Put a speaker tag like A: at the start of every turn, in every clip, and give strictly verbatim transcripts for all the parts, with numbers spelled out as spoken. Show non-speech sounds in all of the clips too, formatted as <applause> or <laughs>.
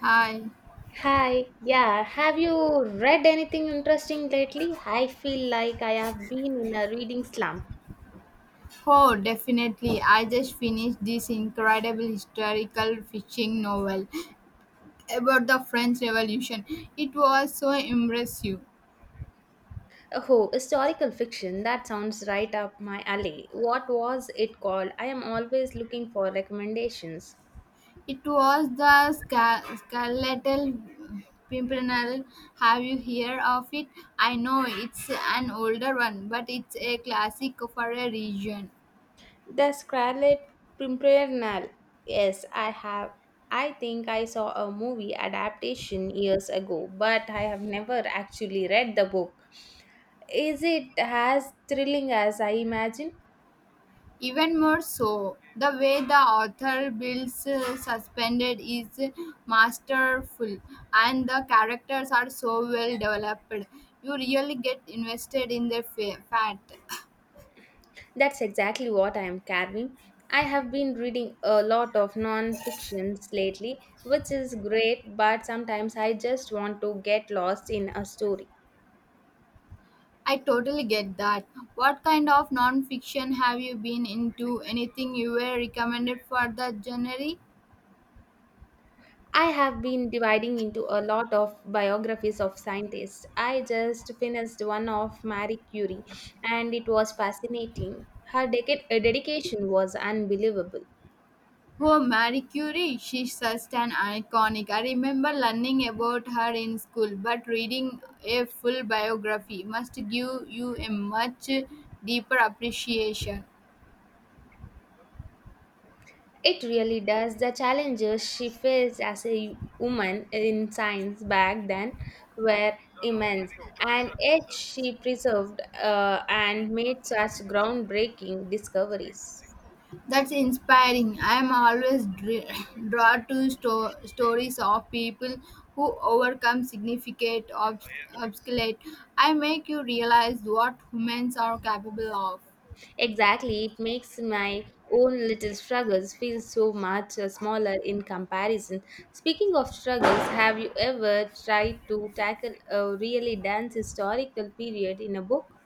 A: Hi.
B: Hi, yeah, have you read anything interesting lately? I feel like I have been in a reading slump.
A: Oh, definitely. I just finished this incredible historical fiction novel about the French Revolution. It was so impressive.
B: Oh, historical fiction, that sounds right up my alley. What was it called? I am always looking for recommendations.
A: It was the Scar- Scarlet Pimpernel. Have you heard of it? I know it's an older one, but it's a classic for a region.
B: The Scarlet Pimpernel. Yes, I have. I think I saw a movie adaptation years ago, but I have never actually read the book. Is it as thrilling as I imagine?
A: Even more so, the way the author builds uh, Suspended is masterful, and the characters are so well developed. You really get invested in their fa- fat.
B: That's exactly what I am carving. I have been reading a lot of non-fictions lately, which is great, but sometimes I just want to get lost in a story.
A: I totally get that. What kind of non fiction have you been into? Anything you were recommended for the genre?
B: I have been dividing into a lot of biographies of scientists. I just finished one of Marie Curie, and it was fascinating. Her deca- uh, dedication was unbelievable.
A: Oh, Marie Curie, she's such an iconic. I remember learning about her in school, but reading a full biography must give you a much deeper appreciation.
B: It really does. The challenges she faced as a woman in science back then were immense, and yet she preserved uh, and made such groundbreaking discoveries.
A: That's inspiring. I'm always dr- <laughs> drawn to sto- stories of people who overcome significant obs- obstacles. I make you realize what humans are capable of.
B: Exactly, it makes my own little struggles feel so much uh, smaller in comparison. Speaking of struggles, have you ever tried to tackle a really dense historical period in a book?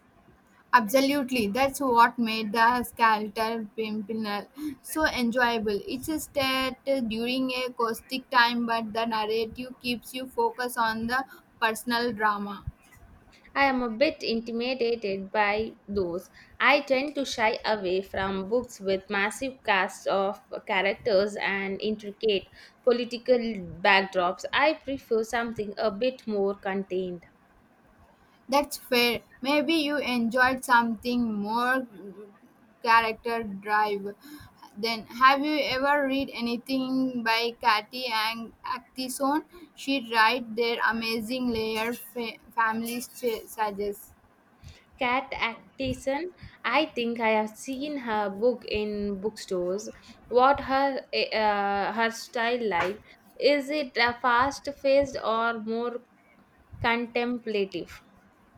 A: Absolutely, that's what made the Skeletal Pimpernel so enjoyable. It's a stat during a caustic time, but the narrative keeps you focused on the personal drama.
B: I am a bit intimidated by those. I tend to shy away from books with massive casts of characters and intricate political backdrops. I prefer something a bit more contained.
A: That's fair. Maybe you enjoyed something more character drive. Then, have you ever read anything by Katy and Actison? She writes their amazing layer fa- families ch- suggests.
B: Kat Atkinson, I think I have seen her book in bookstores. What her uh, her style like? Is it uh, fast-paced or more contemplative?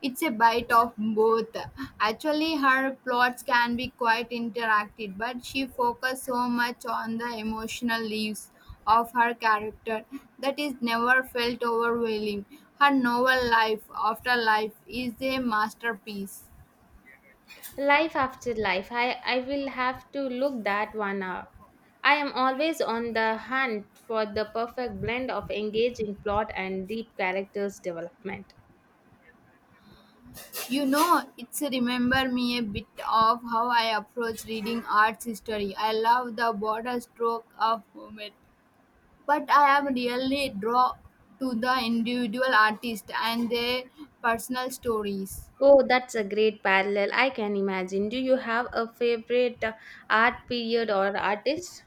A: It's a bite of both. Actually, her plots can be quite interactive, but she focuses so much on the emotional leaves of her character that is never felt overwhelming. Her novel Life After Life is a masterpiece.
B: Life after life, I, I will have to look that one hour. I am always on the hunt for the perfect blend of engaging plot and deep characters development.
A: You know, it's remember me a bit of how I approach reading arts history. I love the border stroke of Homer. But I am really drawn to the individual artist and their personal stories.
B: Oh, that's a great parallel. I can imagine. Do you have a favorite uh, art period or artist?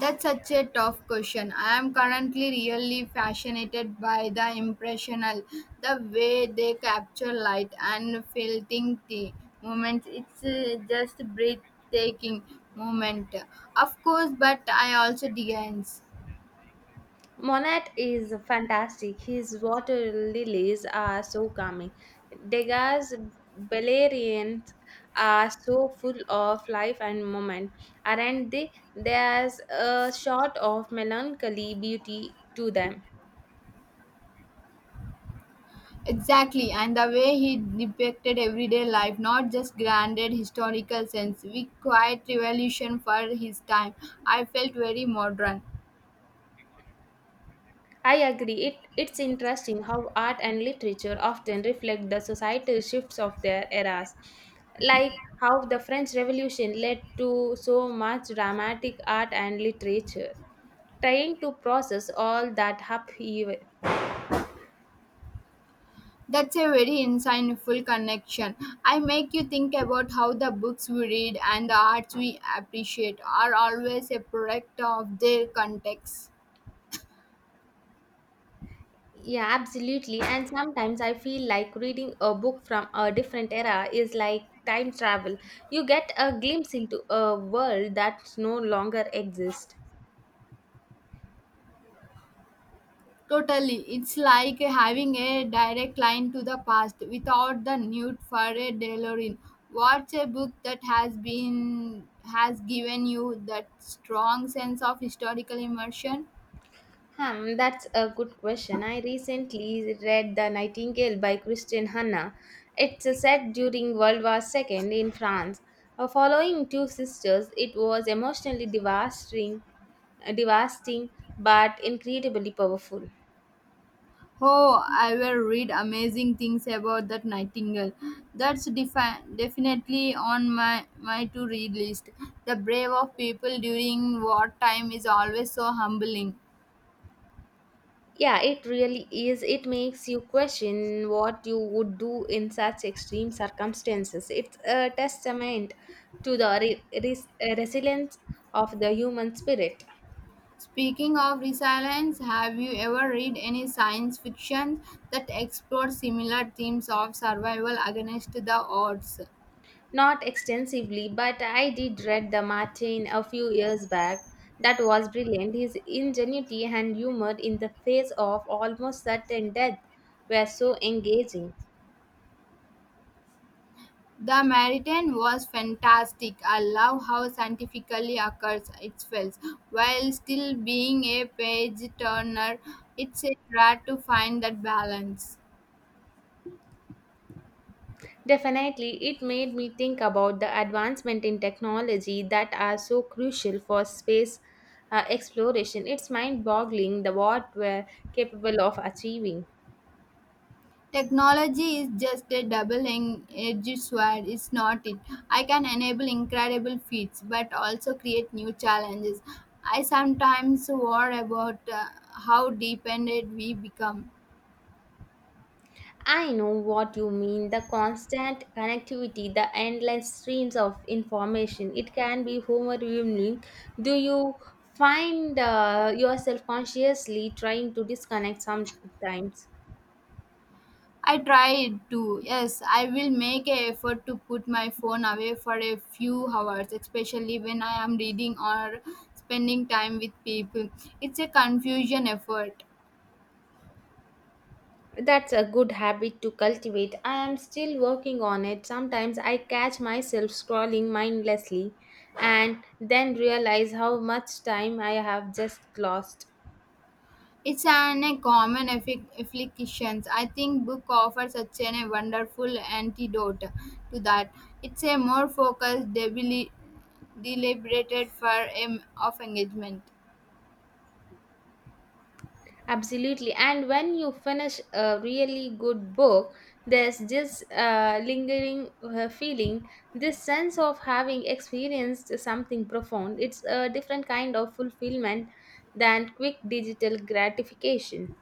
A: That's such a tough question. I am currently really fascinated by the impressional, the way they capture light and filtering the moments. It's uh, just breathtaking moment. Of course, but I also dance.
B: Monet is fantastic. His water lilies are so calming. Degas' Beleriand are so full of life and moment, aren't they? There's a shot of melancholy beauty to them.
A: Exactly, and the way he depicted everyday life, not just grounded historical sense, we quite revolution for his time. I felt very modern.
B: I agree. It, it's interesting how art and literature often reflect the societal shifts of their eras, like how the French Revolution led to so much dramatic art and literature. trying to process all that upheaval.
A: That's a very insightful connection. I make you think about how the books we read and the arts we appreciate are always a product of their context.
B: Yeah, absolutely. And sometimes I feel like reading a book from a different era is like time travel. You get a glimpse into a world that no longer exists.
A: Totally. It's like having a direct line to the past without the need for a DeLorean. What's a book that has been has given you that strong sense of historical immersion?
B: Hmm, that's a good question. I recently read The Nightingale by Christian Hanna. It's set during World War Two in France. Uh, following two sisters, it was emotionally devastating, devastating but incredibly powerful.
A: Oh, I will read amazing things about that Nightingale. That's defi- definitely on my, my to read list. The brave of people during wartime is always so humbling.
B: Yeah, it really is. It makes you question what you would do in such extreme circumstances. It's a testament to the re- res- uh, resilience of the human spirit.
A: Speaking of resilience, have you ever read any science fiction that explores similar themes of survival against the odds?
B: Not extensively, but I did read the Martin a few years back. That was brilliant. His ingenuity and humor in the face of almost certain death were so engaging.
A: The Meridian was fantastic. I love how scientifically occurs it feels, while still being a page turner. It's a rare to find that balance.
B: Definitely, it made me think about the advancement in technology that are so crucial for space uh, exploration. It's mind boggling the what we're capable of achieving.
A: Technology is just a double-edged sword, is not it? I can enable incredible feats, but also create new challenges. I sometimes worry about uh, how dependent we become.
B: I know what you mean the constant connectivity, the endless streams of information. It can be overwhelming. Do you find uh, yourself consciously trying to disconnect sometimes?
A: I tried to, yes, I will make an effort to put my phone away for a few hours, especially when I am reading or spending time with people. It's a confusion effort.
B: That's a good habit to cultivate. I am still working on it. Sometimes I catch myself scrolling mindlessly and then realize how much time I have just lost.
A: It's an a common affi- affliction. I think book offers such an, a wonderful antidote to that. It's a more focused, debili- deliberated form of engagement.
B: Absolutely. And when you finish a really good book, there's this uh, lingering uh, feeling, this sense of having experienced something profound. It's a different kind of fulfillment than quick digital gratification.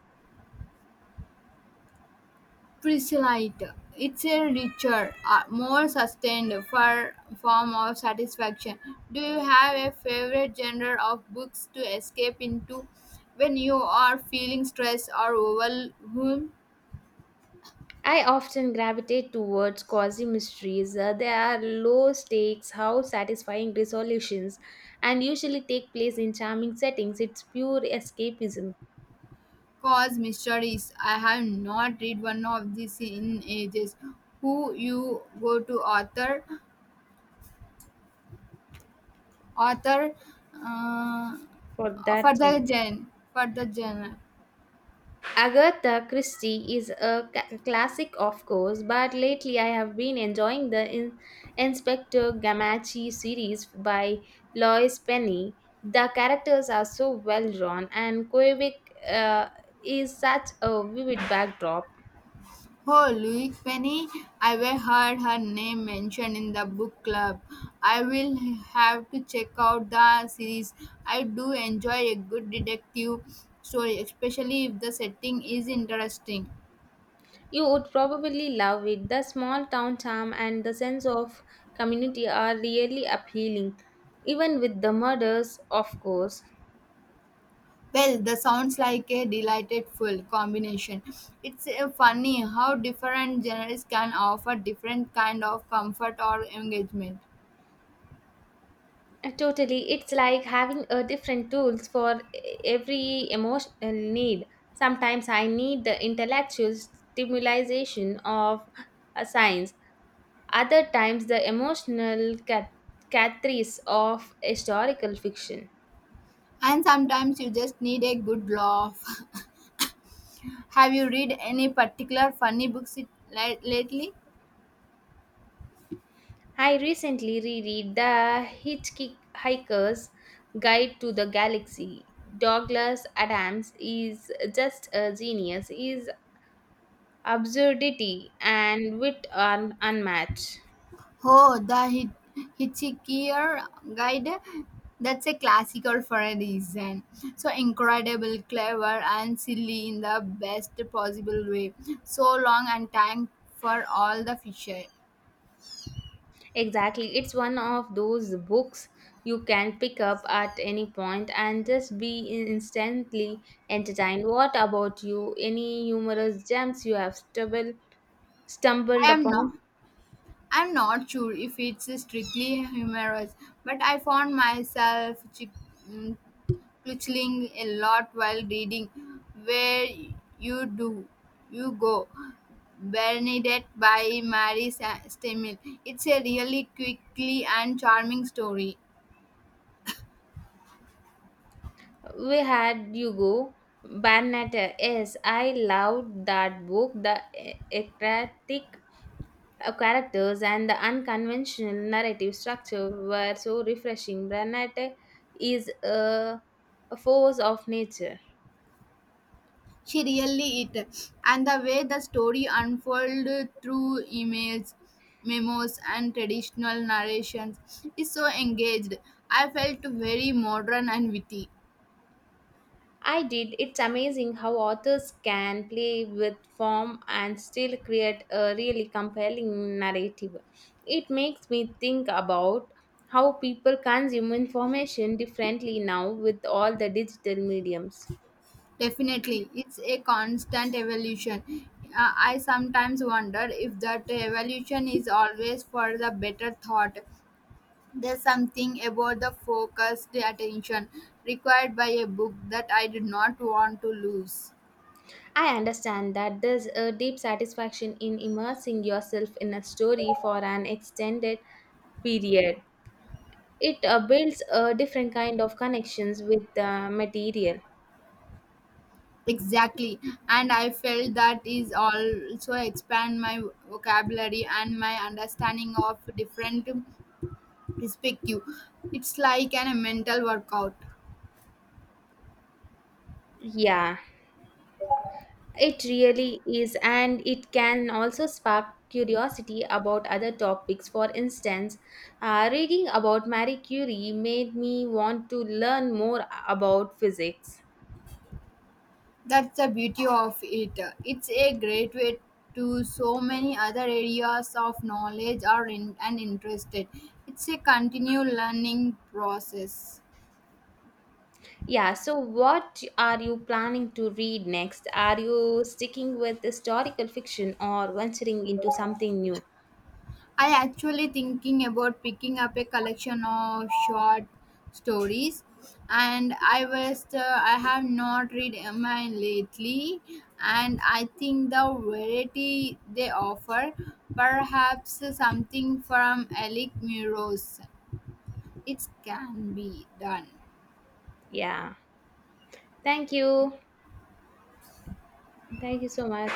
A: Precisely, it's a richer, uh, more sustained for form of satisfaction. Do you have a favorite genre of books to escape into when you are feeling stressed or overwhelmed?
B: I often gravitate towards cozy mysteries. Uh, they are low stakes, how satisfying resolutions, and usually take place in charming settings. It's pure escapism
A: Cause mysteries. I have not read one of these in ages. Who you go to author, author, uh,
B: for
A: for
B: that sense.
A: the gen, for the genre.
B: Agatha Christie is a ca- classic, of course, but lately I have been enjoying the in- Inspector Gamachi series by Lois Penny. The characters are so well drawn, and Quebec uh, is such a vivid backdrop.
A: Oh, Louise Penny. I have heard her name mentioned in the book club. I will have to check out the series. I do enjoy a good detective story, especially if the setting is interesting.
B: You would probably love it. The small town charm and the sense of community are really appealing, even with the murders, of course.
A: Well, that sounds like a delightful combination. It's uh, funny how different genres can offer different kind of comfort or engagement.
B: Uh, Totally, it's like having a different tools for e- every emotional need. Sometimes I need the intellectual stimulation of a science. Other times the emotional cat- catharsis of historical fiction.
A: And sometimes you just need a good laugh. <laughs> Have you read any particular funny books it- li- lately?
B: I recently reread The Hitchhiker's Guide to the Galaxy. Douglas Adams is just a genius. His absurdity and wit are unmatched.
A: Oh, the hit, Hitchhiker Guide. That's a classical for a reason. So incredible, clever, and silly in the best possible way. So long and time for all the fisher.
B: Exactly. It's one of those books you can pick up at any point and just be instantly entertained. What about you? Any humorous gems you have stumbled stumbled
A: I am
B: upon?
A: not. I'm not sure if it's strictly humorous, but I found myself chi- mm, Twitching a lot while reading. Where you do you go? Bernadette by Mary Sa- Stemmel. It's a really quickly and charming story.
B: We had Hugo Bernat. Yes, I loved that book. The e- eclectic uh, characters and the unconventional narrative structure were so refreshing. Bernat is a, a force of nature.
A: She really it, and the way the story unfolded through emails, memos, and traditional narrations is so engaged. I felt very modern and witty.
B: I did. It's amazing how authors can play with form and still create a really compelling narrative. It makes me think about how people consume information differently now with all the digital mediums.
A: Definitely, it's a constant evolution. Uh, I sometimes wonder if that evolution is always for the better thought. There's something about the focused attention required by a book that I did not want to lose.
B: I understand that there's a deep satisfaction in immersing yourself in a story for an extended period. It uh, builds a different kind of connections with the material.
A: Exactly, and I felt that is also expand my vocabulary and my understanding of different perspective. It's like an, a mental workout.
B: Yeah, It really is, and it can also spark curiosity about other topics. For instance, uh, reading about Marie Curie made me want to learn more about physics.
A: That's the beauty of it. It's a great way to so many other areas of knowledge or in, and interested. It's a continual learning process.
B: Yeah, so what are you planning to read next? Are you sticking with historical fiction or venturing into something new?
A: I actually thinking about picking up a collection of short stories and I was uh, I have not read mine lately and I think the variety they offer perhaps something from Alec Muros. It can be done.
B: Yeah, thank you. Thank you so much.